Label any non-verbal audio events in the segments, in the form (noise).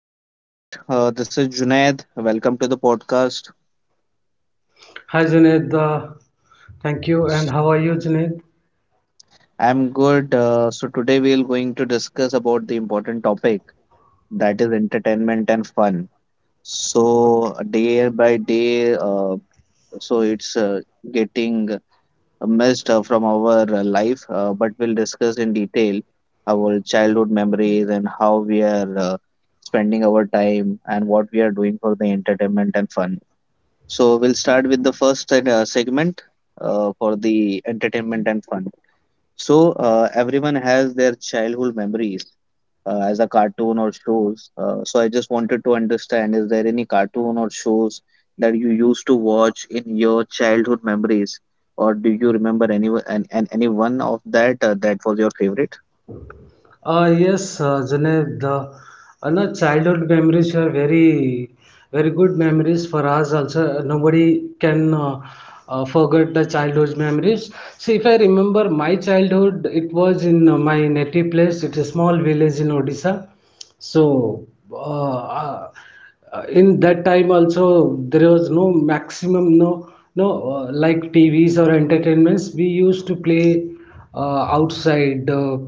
Hi Suprakash, this is Junaid. Welcome to the podcast. Hi Junaid, thank you. And how are you, Junaid? I'm good. So today we're going to discuss about the important topic that is entertainment and fun. Okay. So day by day, so it's getting missed from our life, but we'll discuss in detail our childhood memories and how we are spending our time and what we are doing for the entertainment and fun. So we'll start with the first segment for the entertainment and fun. So everyone has their childhood memories as a cartoon or shows. So I just wanted to understand, is there any cartoon or shows that you used to watch in your childhood memories, or do you remember any and any one of that that was your favorite? Yes, Junaid, the no, childhood memories were very good memories for us also. Nobody can forget the childhood memories. See, if I remember my childhood, it was in my native place. It's a small village in Odisha. So, in that time also, there was no maximum, no, no, like T V's or entertainments. We used to play outside.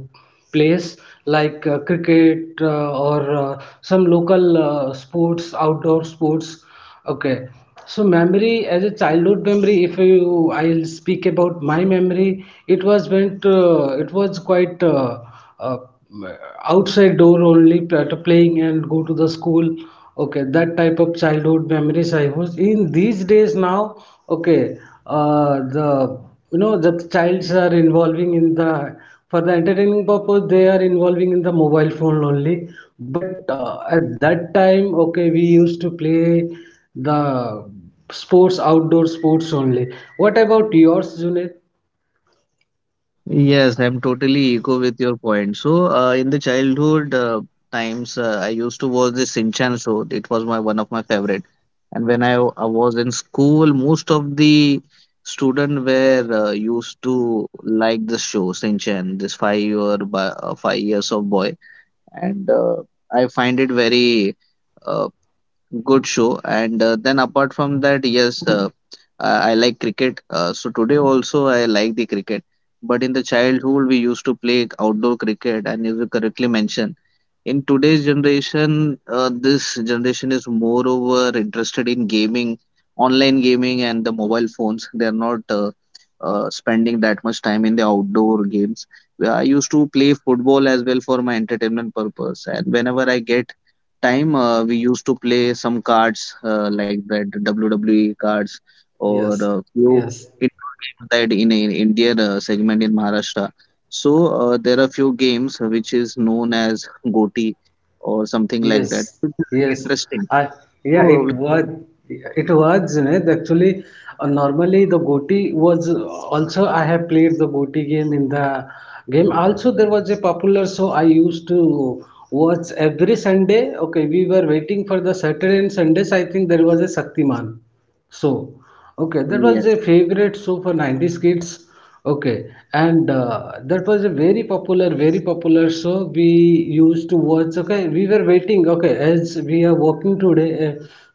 Place like cricket or some local sports outdoor sports. Okay, so memory as a childhood memory, if you, I'll speak about my memory, it was went, it was quite uh, outside door only playing and go to the school. Okay, that type of childhood memories I was in these days now. Okay, the, you know, the childs are involving in the, for the entertaining purpose, they are involving in the mobile phone only. But at that time, okay, we used to play the sports, outdoor sports only. What about yours, Junaid? Yes, I'm totally echo with your point. So in the childhood times, I used to watch the Shinchan show. It was my one of my favorite. And when I was in school, most of the student were used to like this show, Shinchan, this 5 year by, 5 years of boy. And I find it very uh, good show, and then apart from that, yes, I like cricket, so today also I like the cricket, but in the childhood we used to play outdoor cricket, and as you correctly mentioned, in today's generation, this generation is moreover interested in gaming, online gaming, and the mobile phones. They are not spending that much time in the outdoor games. I used to play football as well for my entertainment purpose, and whenever I get time, we used to play some cards, like that WWE cards or Yes, a few yes. indoor games that in Indian segment in Maharashtra. So there are few games which is known as Goti or something like that, Yes, which is very yes. interesting. I So yeah, uh, it with- was, with- it was, you know, actually normally the goti was, also I have played the goti game in the game. Also there was a popular show I used to watch every Sunday. Okay, we were waiting for the Saturday and Sundays. I think there was a Shaktiman show. Okay, that was a yes, favorite show for 90s kids. Okay, and that was a very popular show we used to watch. Okay, we were waiting. Okay, as we are working today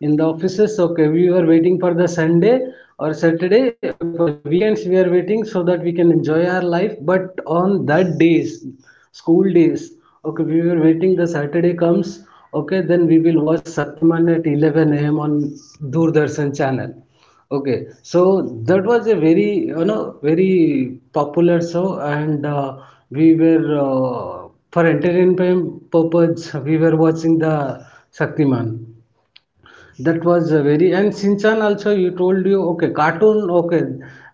in the offices. Okay, we were waiting for the Sunday or Saturday. Okay, for the weekends we are waiting so that we can enjoy our life. But on that days, school days. Okay, we were waiting. The Saturday comes. Okay, then we will watch Shaktiman at 11 a.m. on Doordarshan channel. Okay, so that was a very, you know, very popular show, and we were for entertainment purpose, we were watching the Shaktiman. That was a very, and Shinchan also you told you, okay, cartoon. Okay,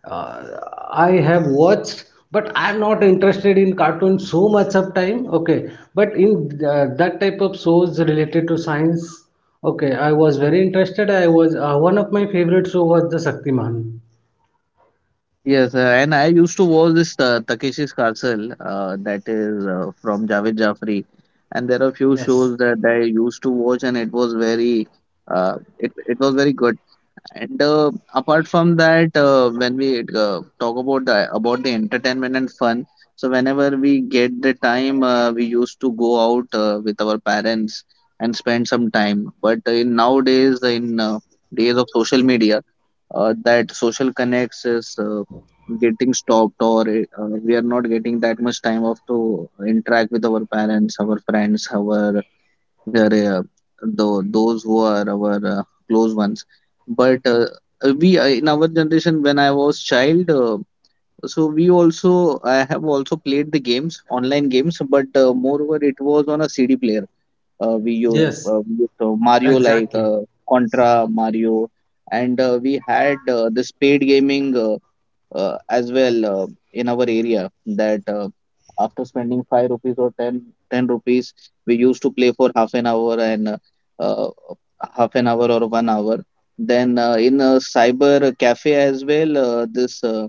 uh, I have watched, but I am not interested in cartoon so much of time. Okay, but in that type of shows related to science, okay, I was very interested. I was one of my favorite show was the Shaktiman. Yes, and I used to watch this Takeshi's Castle, that is from Javed Jafri, and there are few Yes, shows that I used to watch, and it was very, it it was very good. And apart from that, when we talk about the entertainment and fun, so whenever we get the time, we used to go out with our parents and spend some time. But in nowadays, in days of social media, that social connects is getting stopped, or we are not getting that much time of to interact with our parents, our friends, our uh, the those who are our close ones, but we in our generation when I was child, so we also I have also played the games, online games, but moreover it was on a CD player. Yes, We used Mario, like exactly. Contra, Mario, and we had the spade gaming as well, in our area, that after spending 5 rupees or 10 rupees, we used to play for half an hour, and uh, half an hour or 1 hour. Then in a cyber cafe as well, this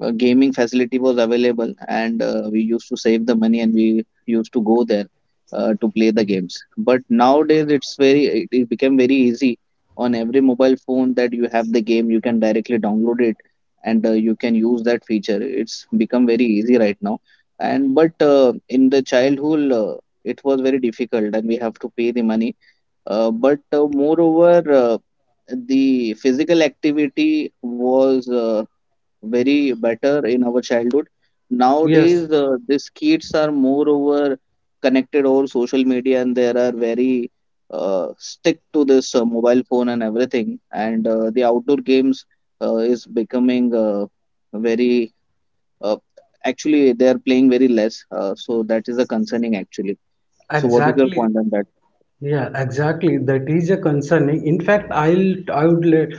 a gaming facility was available, and we used to save the money and we used to go there to play the games. But nowadays it's very, it became very easy. On every mobile phone that you have the game, you can directly download it and you can use that feature. It's become very easy right now. And but in the childhood, it was very difficult, and we have to pay the money, but moreover, the physical activity was very better in our childhood. Yes, Nowadays, these kids are moreover connected over social media, and they are very stick to this mobile phone and everything. And the outdoor games is becoming very uh, actually, they are playing very less. So that is a concerning, actually. So what is your exactly. point on that? Yeah, exactly. That is a concerning. In fact, I'll I would let,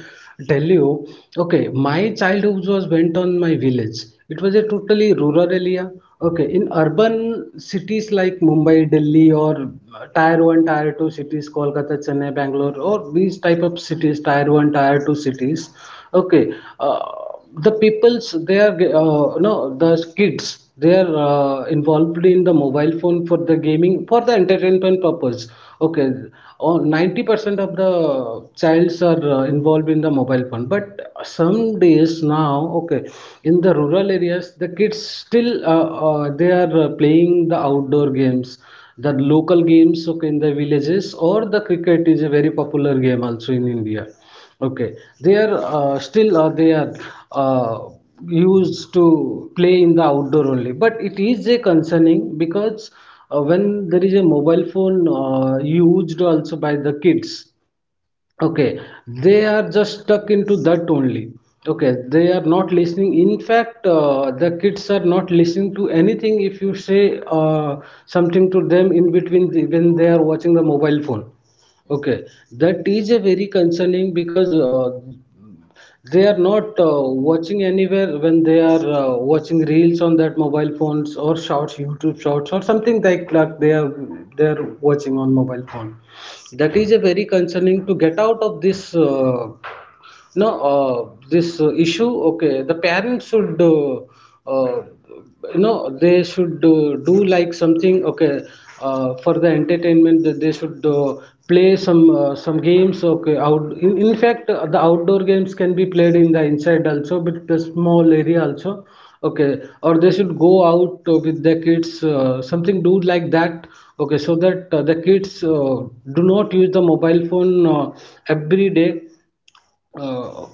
tell you. Okay, my childhood was went on my village. It was a totally rural area. Okay, in urban cities like Mumbai, Delhi, or Tier One, Tier Two cities, Kolkata, Chennai, Bangalore, or these type of cities, Tier One, Tier Two cities, okay, uh, the peoples, they are no the kids, they are involved in the mobile phone for the gaming, for the entertainment purpose. Okay, or 90% of the childs are involved in the mobile phone, but some days now. Okay, in the rural areas, the kids still they are playing the outdoor games, the local games, okay, in the villages. Or the cricket is a very popular game also in india. Okay, they are still they are uh, used to play in the outdoor only, but it is a concerning because when there is a mobile phone used also by the kids, okay, they are just stuck into that only. Okay, they are not listening. In fact, the kids are not listening to anything if you say something to them in between when they are watching the mobile phone. Okay, that is a very concerning because they are not watching anywhere when they are watching reels on that mobile phones or shorts, youtube shorts or something like that. They are watching on mobile phone. That is a very concerning. To get out of this no, this issue, okay, the parents should, uh, you know, they should do like something, okay, for the entertainment, that they should play some games, okay, out. In fact, the outdoor games can be played in the inside also, with the small area also, okay, or they should go out with the kids, something do like that, okay, so that the kids do not use the mobile phone every day. uh,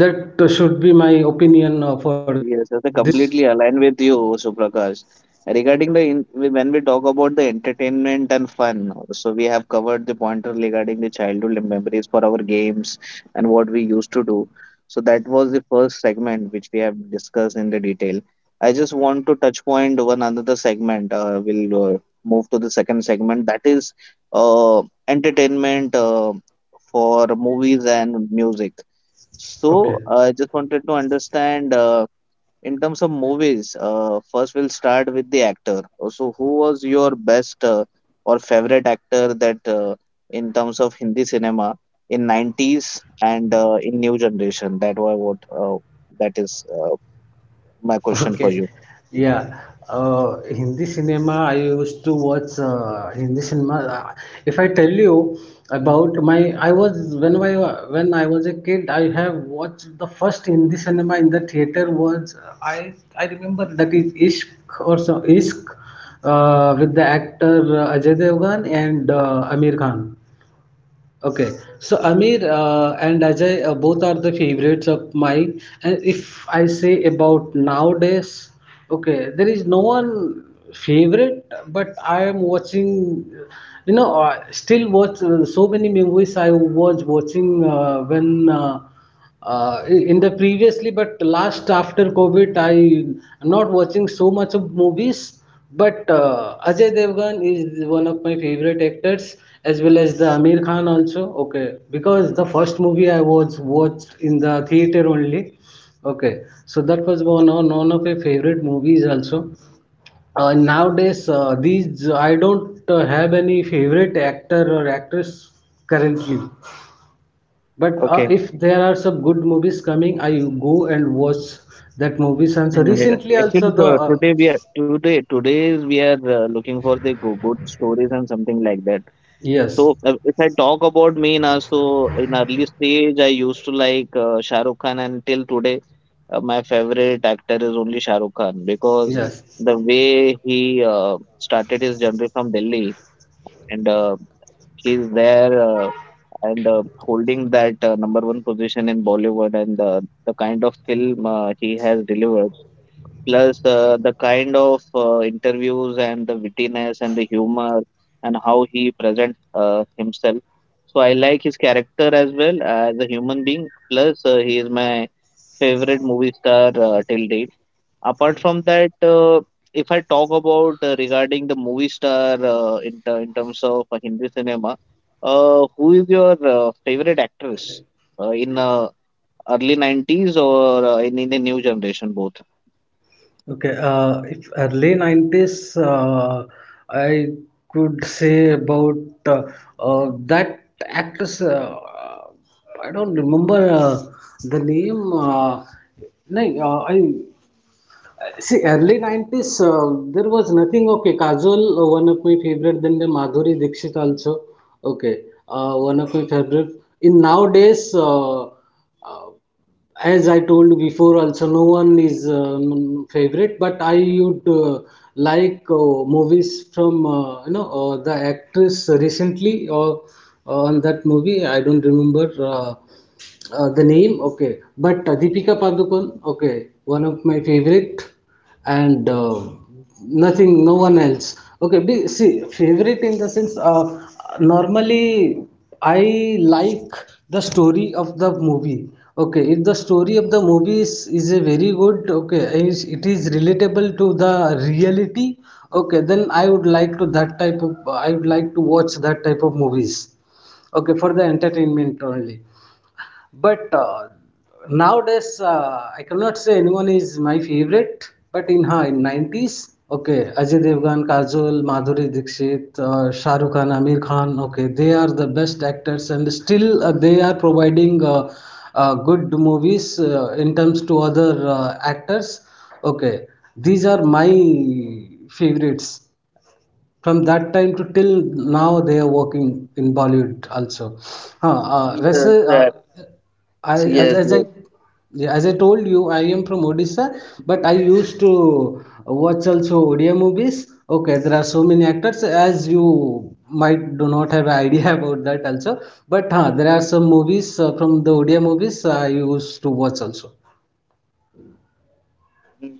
that should be my opinion for Yes, yes, I this. completely align with you, Suprakash. Regarding when we talk about the entertainment and fun, so we have covered the pointer regarding the childhood memories for our games and what we used to do. So that was the first segment which we have discussed in the detail. I just want to touch point one another segment. We'll move to the second segment, that is entertainment for movies and music. Okay, So I just wanted to understand. In terms of movies, first we'll start with the actor. So, who was your best or favorite actor that in terms of Hindi cinema in 90's and in new generation? That was what that is my question for okay, you. yeah. Hindi cinema, I used to watch Hindi cinema. If I tell you about my, I was, when I was a kid, I have watched the first Hindi cinema in the theater was I remember that is Ishq or so, Ishq with the actor Ajay Devgan and Amir Khan. Okay, so Amir and Ajay both are the favorites of mine. And if I say about nowadays, okay, there is no one favorite, but I am watching, you know, still watch so many movies I was watching when. In the previously, but last after covid, I am not watching so much of movies, but Ajay Devgan is one of my favorite actors, as well as the Amir Khan also. Okay, because the first movie I was watched in the theater only. Okay, so that was one of my favorite movies also. Nowadays these, I don't have any favorite actor or actress currently. But Okay. if there are some good movies coming, I go and watch that movies. And so Mm, yeah. recently also Actually, the so today we are today today we are looking for the good stories and something like that. So yes, if I talk about me now, so in early stage I used to like Shah Rukh Khan, and till today my favorite actor is only Shah Rukh Khan, because yes, the way he started his journey from Delhi and he's there, and holding that number one position in Bollywood, and the kind of film he has delivered. Plus, the kind of interviews and the wittiness and the humor and how he presents himself. So I like his character as well as a human being. Plus, he is my favorite movie star till date. Apart from that, if I talk about regarding the movie star in terms of Hindi cinema, who is your favorite actress in early 90's, or in the new generation, both? okay. If early 90s, I could say about uh, that actress. I don't remember the name. No, I. See, early 90s, there was nothing. Okay, Kajol, one of my favorite, then the Madhuri Dixit also. Okay, one of my favorite. In nowadays, as I told before, also no one is favorite, but I would like movies from, you know, the actress recently, or on that movie, I don't remember. The name, okay, but Deepika Padukone, okay, one of my favorite, and nothing, no one else. Okay, see, favorite in the sense, normally I like the story of the movie. Okay, if the story of the movie is a very good, okay, it is relatable to the reality, okay, then I would like to that type of, I would like to watch that type of movies, okay, for the entertainment only. But nowadays, I cannot say anyone is my favorite. But in 90s, okay, Ajay Devgan, Kajol, Madhuri Dixit, Shah Rukh Khan, Amir Khan, okay, they are the best actors, and still they are providing good movies in terms to other actors. Okay, these are my favorites from that time to till now. They are working in Bollywood also. Huh, Russell, Yes, I so yes, as I yes, yeah, as I told you, I am from Odisha, but I used to watch also Odia movies. Okay, there are so many actors as you might do not have idea (laughs) about that also. But huh, there are some movies from the Odia movies I used to watch also.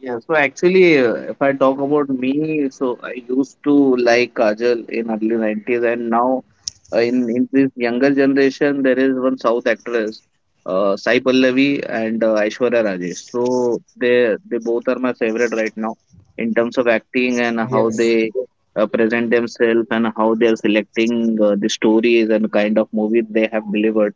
yeah. So actually, if I talk about me, so I used to like Kajal in early 90's, and now in this younger generation, there is one South actress, Sai Pallavi and Aishwarya Rajesh. So they both are my favorite right now in terms of acting and how Yes. they present themselves and how they are selecting the stories and kind of movies they have delivered.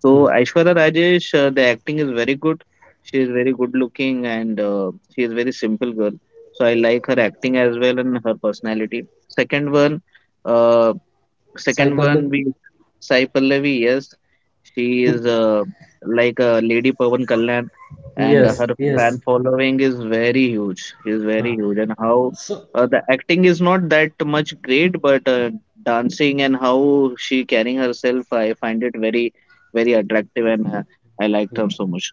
So Hmm. Aishwarya Rajesh, the acting is very good. She is very good looking, and she is very simple girl. So I like her acting as well and her personality. Second one, uh, Sai Second one Pallavi? we Sai Pallavi, yes, she is like a lady Pavan Kalyan, and her Yes, yes. fan following is very huge. Is very Huh. huge, and how So the acting is not that much great, but dancing and how she carrying herself, I find it very, very attractive, and I liked her so much.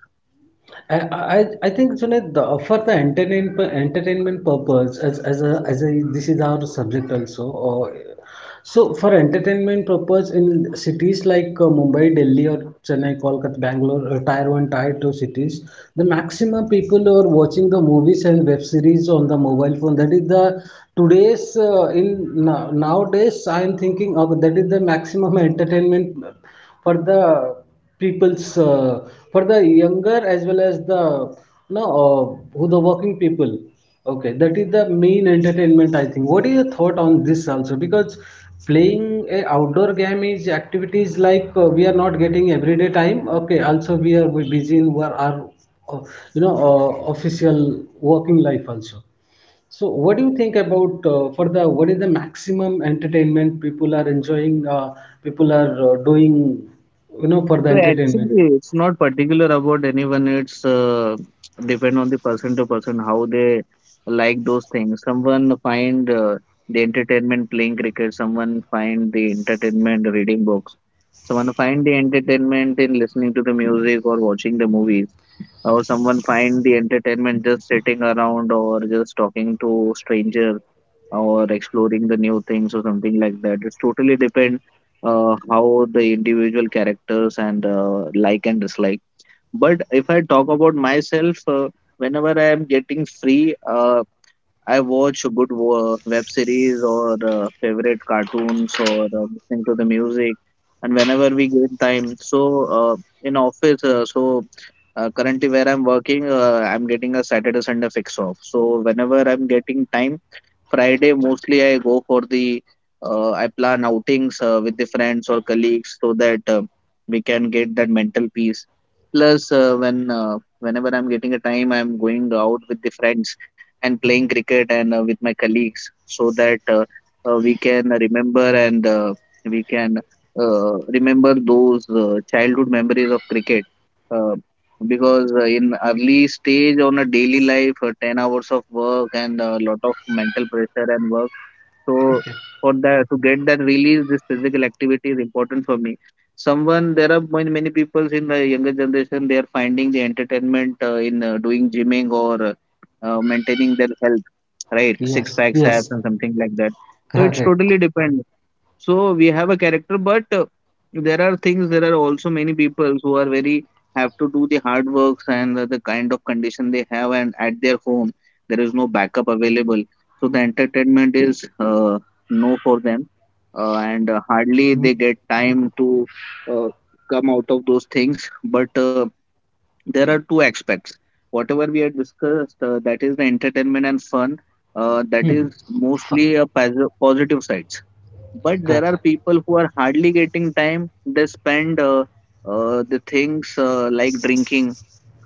I think Junaid, the, for the entertainment purpose, as a, this is our subject also, or so for entertainment purpose in cities like Mumbai, Delhi or Chennai, Kolkata, Bangalore, or tier one, tier two cities, the maximum people are watching the movies and web series on the mobile phone. That is the today's nowadays I am thinking of that is the maximum (laughs) entertainment for the people's, for the younger as well as the no who the working people. Okay, that is the main entertainment, I think. What is your thought on this also? Because playing a outdoor game is activities like we are not getting everyday time. Okay, also we are busy in our uh, you know, official working life also. So, what do you think about for the, what is the maximum entertainment people are enjoying? People are doing, you know, for the So entertainment. actually, it's not particular about anyone. It's depend on the person to person how they like those things. Someone find the entertainment playing cricket. Someone find the entertainment reading books. Someone find the entertainment in listening to the music or watching the movies. Or someone find the entertainment just sitting around or just talking to strangers or exploring the new things or something like that. It's totally depend how the individual characters and like and dislike. But if I talk about myself, whenever I am getting free, I watch good web series or favorite cartoons or listening to the music. And whenever we get time, so in office, currently where I'm working, I'm getting a Saturday Sunday fix off. So whenever I'm getting time. Friday mostly I go for the I plan outings with the friends or colleagues, so that we can get that mental peace. Plus, whenever I'm getting a time, I'm going out with the friends and playing cricket and with my colleagues, so that we can remember, and we can remember those childhood memories of cricket. Uh, because in early stage on a daily life, 10 hours of work and a lot of mental pressure and work, so Okay. for that, to get that release, this physical activity is important for me. Someone, there are many, many people in the younger generation. They are finding the entertainment in doing gymming or maintaining their health, right? Six Yes, packs abs yes, and something like that. So it's correct. totally depend. So we have a character, but there are things. There are also many people who are very— have to do the hard works, and the kind of condition they have, and at their home there is no backup available. So the entertainment is no for them. And hardly Hmm. they get time to uh, come out of those things. But there are two aspects whatever we had discussed, that is the entertainment and fun. That is F- mostly a positive side. But there correct. are people who are hardly getting time. They spend the things like drinking,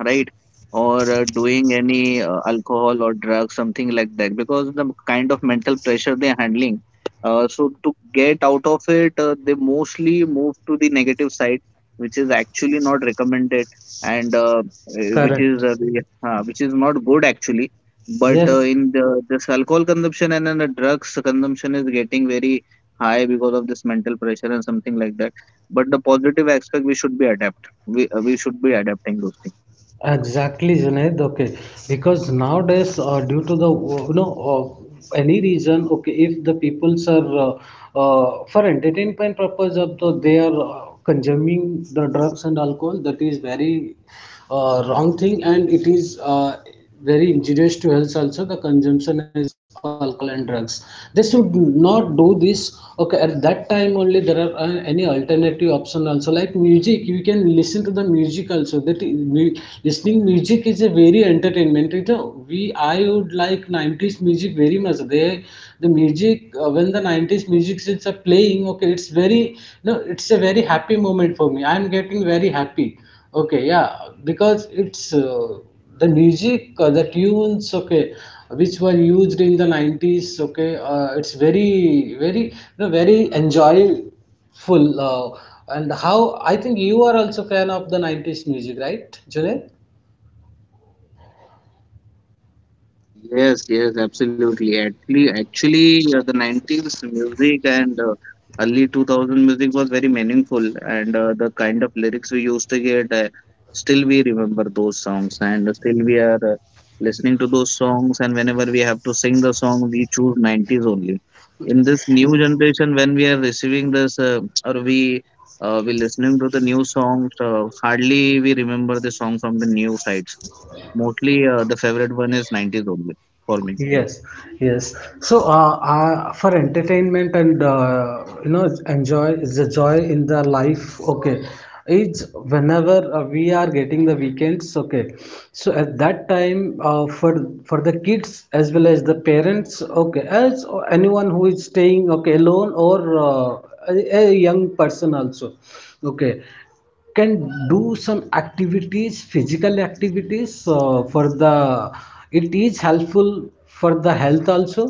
right? Or doing any, alcohol or drugs, something like that, because the kind of mental pressure they are handling. So to get out of it, they mostly move to the negative side, which is actually not recommended. And eh, which is Correct. the- which is not good actually. But Yes, in the— this alcohol consumption and then the drugs consumption is getting very high because of this mental pressure and something like that. But the positive aspect, we should be adapting those things. exactly, Junaid. Okay, because nowadays, due to the you know any reason, okay, if the peoples are for entertainment purpose, of the, they are consuming the drugs and alcohol, that is very wrong thing and it is very injurious to health also the consumption is of alcohol and drugs, they should not do this. Okay, at that time only there are any alternative option also like music, you can listen to the music also. That is, listening music is a very entertainment it, we I would like 90s music very much. The music, when the 90s music is playing, okay, it's very no it's a very happy moment for me. I'm getting very happy. Okay, yeah, because it's the music, the tunes, okay, which were used in the 90s, okay, it's very, very, no, very enjoyable. Uh, and how, I think you are also fan of the 90s music, right, Junaid? Yes, yes, absolutely. Actually, the 90s music and early 2000 music was very meaningful, and the kind of lyrics we used to get, still we remember those songs, and still we are listening to those songs. And whenever we have to sing the song, we choose 90s only. In this new generation, when we are receiving this, or we listening to the new songs, hardly we remember the song from the new side. Mostly the favorite one is 90s only for me. Yes, yes. So, for entertainment and enjoy the joy in the life. Okay, it's whenever we are getting the weekends. Okay, so at that time, for the kids as well as the parents. Okay, as anyone who is staying okay alone or a young person also. Okay, can do some activities, physical activities for the, it is helpful for the health also.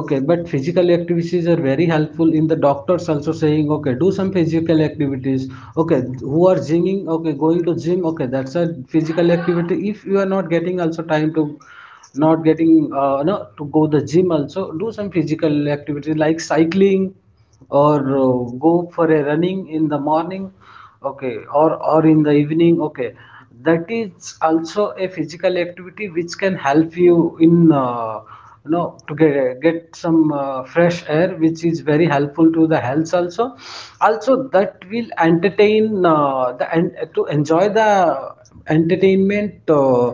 Okay, but physical activities are very helpful, in the doctors also saying okay do some physical activities, okay, who are gymming, okay, going to gym, okay, that's a physical activity. If you are not getting also time to not getting no to go the gym also, do some physical activities like cycling or go for a running in the morning, okay, or in the evening, okay, that is also a physical activity which can help you in to get some fresh air, which is very helpful to the health also. Also that will entertain the, and to enjoy the entertainment.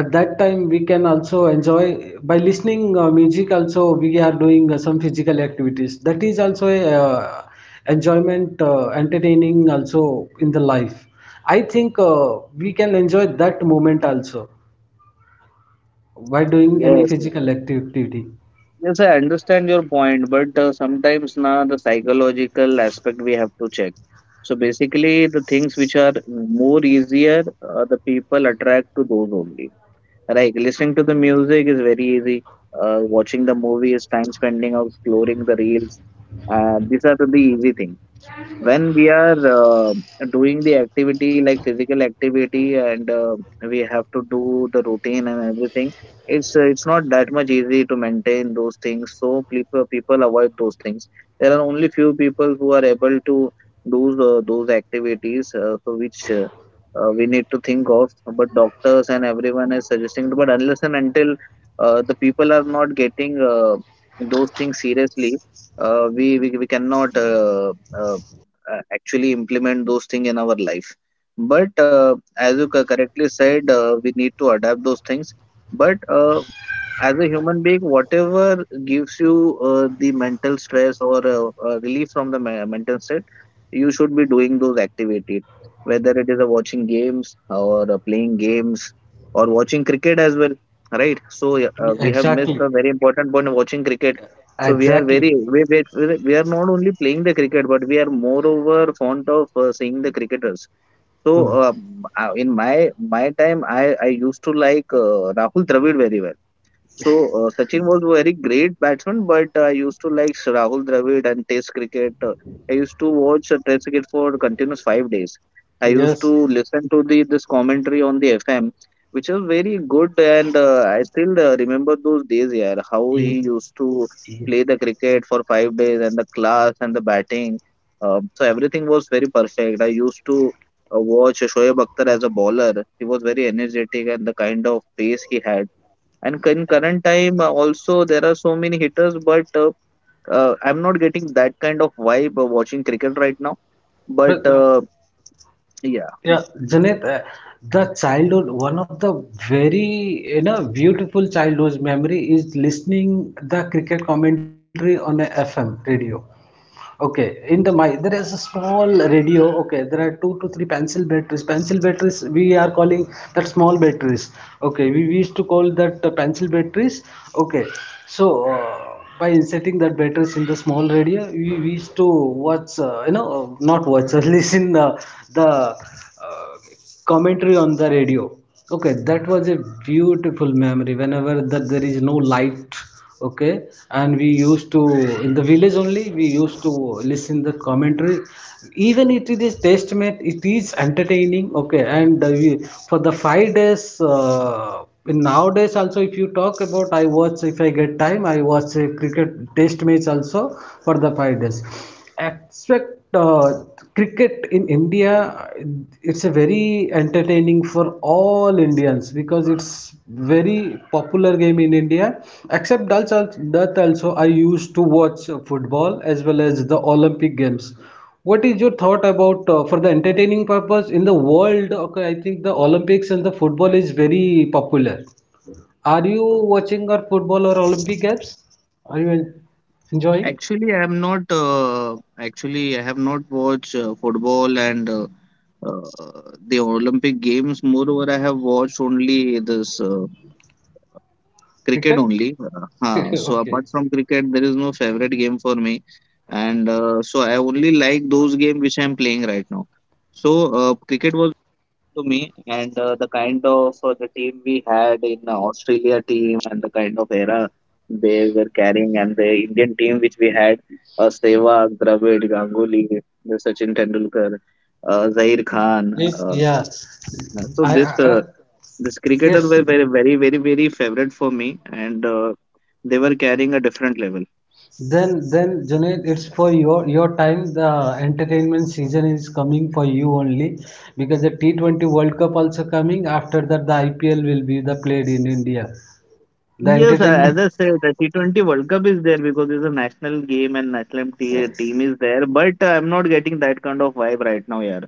At that time we can also enjoy by listening music also. We are doing some physical activities. That is also a enjoyment, entertaining also in the life. I think we can enjoy that moment also by doing any Yes, yes. physical activity. Yes, I understand your point, but sometimes now the psychological aspect we have to check. So basically, the things which are more easier, the people attract to those only. Like listening to the music is very easy. Watching the movie is time spending of exploring the reels. These are the easy things. When we are doing the activity like physical activity, and we have to do the routine and everything. It's not that much easy to maintain those things, so people avoid those things. There are only few people who are able to do those activities for which we need to think of. But doctors and everyone is suggesting, but unless and until the people are not getting those things seriously, we cannot actually implement those things in our life. But as you correctly said, we need to adapt those things. But as a human being, whatever gives you the mental stress or relief from the mental state, you should be doing those activities. Whether it is a watching games or playing games, or watching cricket as well, right? So yeah, we have missed Exactly. a very important point: watching cricket. So we are very Exactly. We are not only playing the cricket, but we are moreover fond of seeing the cricketers. So Hmm. uh, m- uh, in my my time, I used to like Rahul Dravid very well. So Sachin was very great batsman, but I used to like Rahul Dravid and Test cricket. I used to watch Test cricket for continuous 5 days. I used to Yes. listen to the this commentary on the FM, which was very good, and I still remember those days. Yeah, how E- he used to e- play the cricket for 5 days, and the class and the batting. So everything was very perfect. I used to watch Shoaib Akhtar as a bowler. He was very energetic, and the kind of pace he had. And in current time, also there are so many hitters, but I'm not getting that kind of vibe watching cricket right now. But But no. uh, yeah, Yeah, Janet, the childhood, one of the very, you know, beautiful childhood memory is listening the cricket commentary on a FM radio. Okay, in the my there is a small radio. Okay, there are two to three pencil batteries. Pencil batteries we are calling that small batteries. Okay, we used to call that pencil batteries. Okay, so by inserting that batteries in the small radio, we used to watch. Not watch, (laughs) listen the okay. commentary on the radio. Okay, that was a beautiful memory whenever that there is no light. Okay, and we used to, in the village only, we used to listen the commentary, even it is test match, it is entertaining, okay. For the 5 days in nowadays also, if you talk about, I watch, if I get time I watch a cricket test match also for the 5 days. Expect cricket in India. It's a very entertaining for all Indians because it's very popular game in India. Except also that, also I used to watch football as well as the Olympic games. What is your thought about for the entertaining purpose in the world? Okay, I think the Olympics and the football is very popular. Are you watching or football or Olympic games? Are you enjoying actually, I'm not. Actually, I have not watched football and uh, the Olympic Games. Moreover, I have watched only this. Cricket cricket? only. Huh. (laughs) So Okay. apart from cricket, there is no favorite game for me, and so I only like those games which I am playing right now. So cricket was to me, and the kind of the team we had in the Australia team, and the kind of era they were carrying, and the Indian team which we had, Sehwag, Dravid, Ganguly, the Sachin Tendulkar, Zair Khan. If Uh, yeah, so this. I- This cricketer Yes. were very, very, very, very favorite for me, and they were carrying a different level. Then Junaid, it's for your time. The entertainment season is coming for you only, because the T20 World Cup also coming. After that, the IPL will be the played in India. The Yes, entertainment. as I said, the T20 World Cup is there because it's a national game and national team is there. But I'm not getting that kind of vibe right now, yeah.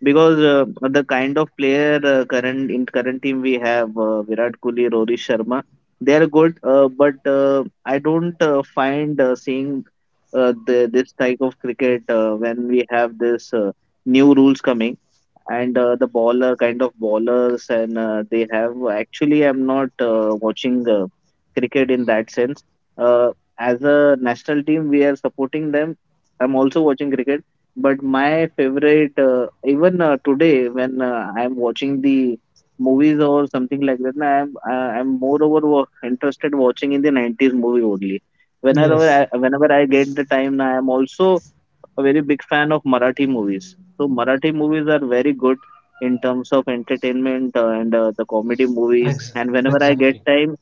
Because the kind of player current in current team we have Virat Kohli, Rohit Sharma, they are good. But I don't find seeing this type of cricket when we have this new rules coming, and the baller kind of ballers, and they have— actually I'm not watching cricket in that sense. Uh, as a national team, we are supporting them. I'm also watching cricket, but my favorite, even today, when I'm watching the movies or something like that, na, I'm moreover interested watching in the 90s movie only. Whenever Yes. I, whenever I get the time, na, I'm also a very big fan of Marathi movies. So Marathi movies are very good in terms of entertainment and the comedy movies. Ex And whenever I get exactly. time—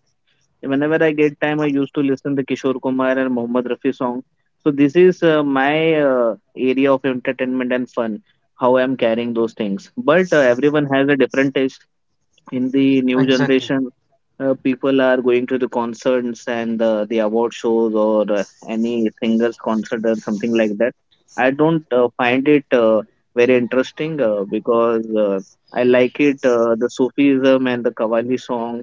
whenever I get time, I used to listen the Kishore Kumar and Mohammed Rafi song. So this is my area of entertainment and fun. How I'm carrying those things. But everyone has a different taste. In the new Exactly. generation, people are going to the concerts and the award shows or any singers concert or something like that. I don't find it very interesting, because I like it, the sufism and the qawwali song,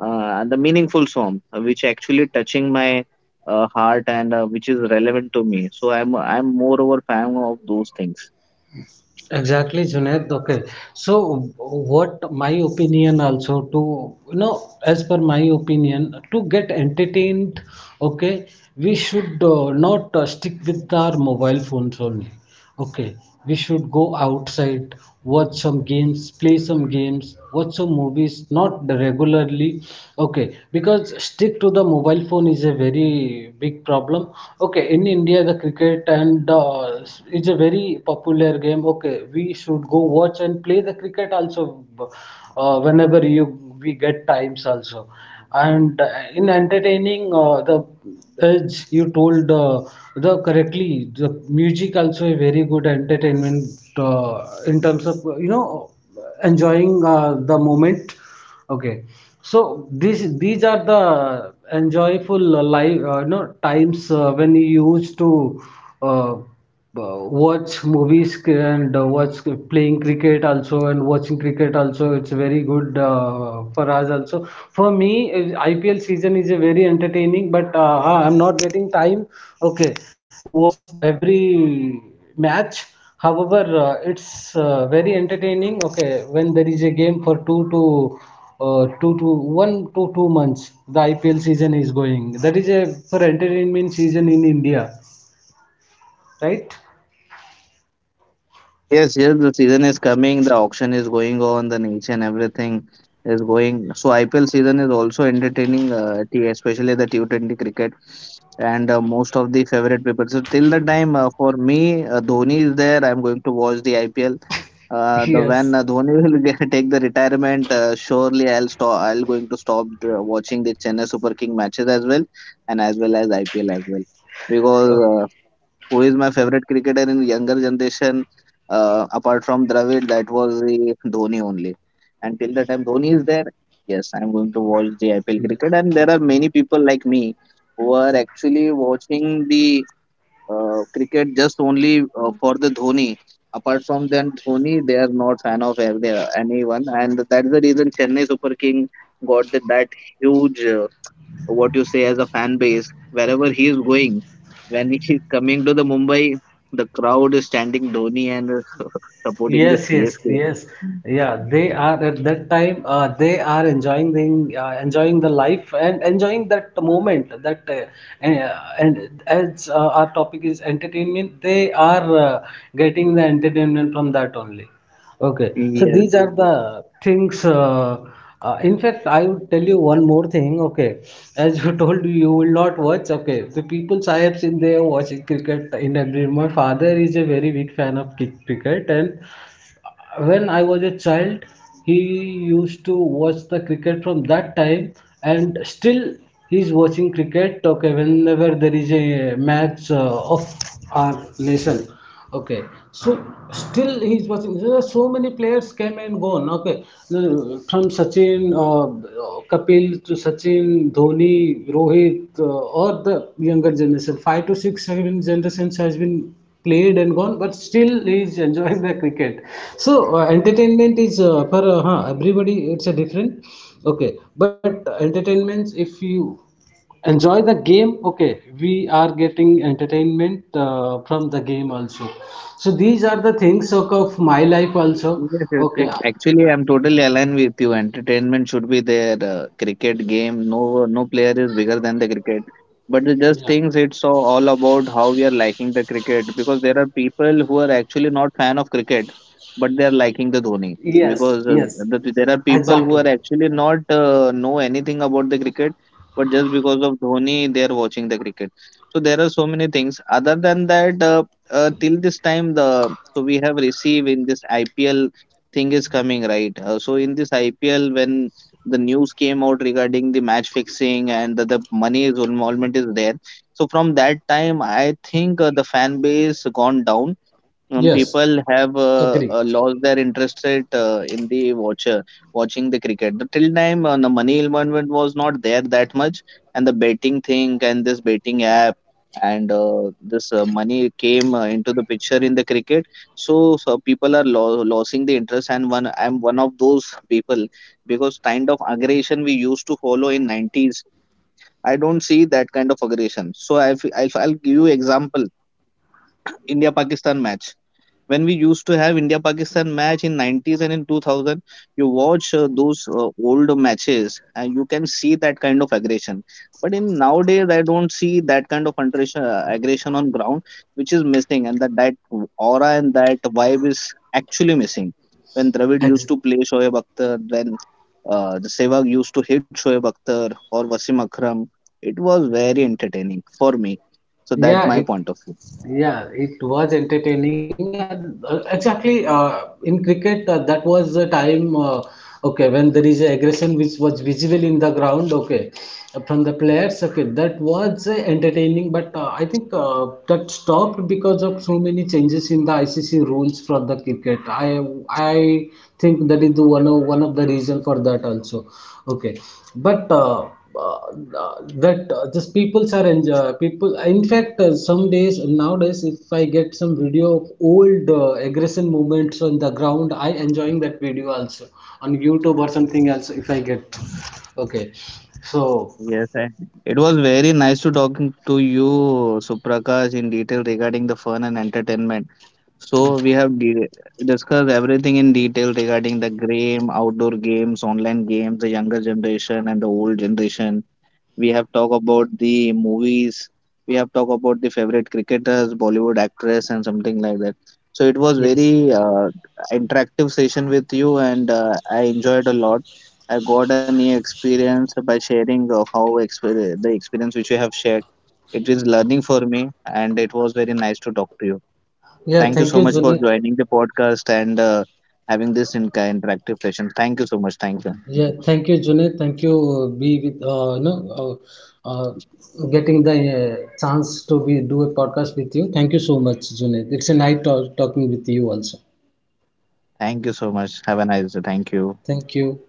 and the meaningful song which actually touching my heart, and which is relevant to me, so I'm moreover fan of those things. Exactly, Junaid. Okay. So, what my opinion also to, you know, as per my opinion, to get entertained, okay, we should not stick with our mobile phones only. Okay, we should go outside, watch some games, play some games, watch some movies, not regularly. Okay, because stick to the mobile phone is a very big problem. Okay, in India, the cricket and it's a very popular game. Okay, we should go watch and play the cricket also whenever you we get times also and in entertaining the as you told the correctly the music also a very good entertainment in terms of you know enjoying the moment okay so these are the enjoyable life you know, times when you used to uh, watch movies and watch playing cricket also and watching cricket also it's very good for us also for me IPL season is a very entertaining but I'm not getting time okay to watch the every match. However, it's very entertaining. Okay, when there is a game for two to two to one to two months, the IPL season is going. That is a for entertainment season in India, right? Yes, yes, the season is coming, the auction is going on, the nation, everything is going. So IPL season is also entertaining, especially the T20 cricket, and most of the favorite people. So till the time, for me, Dhoni is there, I'm going to watch the IPL. The when Yes. Dhoni (laughs) will get— take the retirement, surely I'll stop. I'll going to stop the— watching the Chennai Super King matches as well, and as well as IPL as well, because Oh, who is my favorite cricketer in younger generation, apart from Dravid, that was the Dhoni only. And till the time Dhoni is there, yes, I'm going to watch the IPL yeah. cricket. And there are many people like me who are actually watching the cricket just only for the Dhoni. Apart from then Dhoni, they are not fan of anyone. And that's the reason Chennai Super King got the, that huge, what you say, as a fan base. Wherever he is going, when he is coming to the Mumbai, the crowd is standing, Dhoni, and (laughs) supporting the Yes, yes, CSK. yes. Yeah, they are at that time. They are enjoying the, enjoying the life and enjoying that moment. That and as our topic is entertainment, they are getting the entertainment from that only. Okay, so Yes. these are the things. In fact, I would tell you one more thing. Okay, as you (laughs) told, you will not watch. Okay, the people I have seen, they are watching cricket in every. My father is a very big fan of cricket, and when I was a child, he used to watch the cricket from that time, and still he's watching cricket. Okay, whenever there is a match of our nation. Okay, so still he's watching. So there are so many players came and gone. Okay, from Sachin, Kapil to Sachin, Dhoni, Rohit, or the younger generation, 5 to 6 7 generations has been played and gone, but still he is enjoying the cricket. So entertainment is for everybody. It's a different. Okay, but entertainments, if you enjoy the game, okay, we are getting entertainment from the game also. So these are the things of my life also. Yes, yes, Okay. Uh, actually, I'm totally aligned with you. Entertainment should be there. Cricket game, no, no player is bigger than the cricket. But the just yeah. things, it's so all about how we are liking the cricket, because there are people who are actually not fan of cricket, but they are liking the Dhoni, Yes, because yes, there are people who are exactly. actually not know anything about the cricket, but just because of Dhoni, they are watching the cricket. So there are so many things. Other than that, till this time, the— so we have received in this IPL thing is coming, right? So in this IPL, when the news came out regarding the match fixing and the money is involvement is there, so from that time, I think the fan base gone down. Some Yes, people have agree. Lost their interest rate, in the watcher— watching the cricket. The till time the money involvement was not there that much, and the betting thing and this betting app, and this money came into the picture in the cricket. So, so people are losing the interest, and one— I'm one of those people, because kind of aggression we used to follow in 90s, I don't see that kind of aggression. So I will I f- I'll give you example. India Pakistan match— when we used to have India Pakistan match in 90s and in 2000, you watch those old matches, and you can see that kind of aggression. But in nowadays, I don't see that kind of aggression, aggression on ground, which is missing. And that aura and that vibe is actually missing. When Dravid used Ex- to play Shoaib Akhtar, when the Sehwag used to hit Shoaib Akhtar or Wasim Akram, it was very entertaining for me. So that's yeah, my it, point of view. yeah it was entertaining, and exactly, in cricket, that was the time, okay, when there is a aggression which was visible in the ground, okay, from the players, okay, that was entertaining. But I think that stopped because of so many changes in the ICC rules for the cricket. I think that is the one of the reason for that also, okay. But uh, that just peoples are enjoy, people, in fact, some days nowadays, if I get some video of old aggression moments on the ground, I enjoying that video also on YouTube or something else, if I get. Okay, so, Yes, I, it was very nice to talking to you, Suprakash, in detail regarding the fun and entertainment. So we have de discussed everything in detail regarding the game, outdoor games, online games, the younger generation and the old generation. We have talked about the movies. We have talked about the favorite cricketers, bollywood actress and something like that. So it was yes. very interactive session with you, and I enjoyed a lot. I got a new experience by sharing, the experience which you have shared. It is learning for me. And it was very nice to talk to you. Yeah, Thank you thank so you, much for Junaid. joining the podcast, and having this interactive session. Thank you so much. Thank you. Yeah, thank you, Junaid. Thank you, be with, you uh, getting the chance to be do a podcast with you. Thank you so much, Junaid. It's a night talk, talking with you also. Thank you so much. Have a nice day. Thank you. Thank you.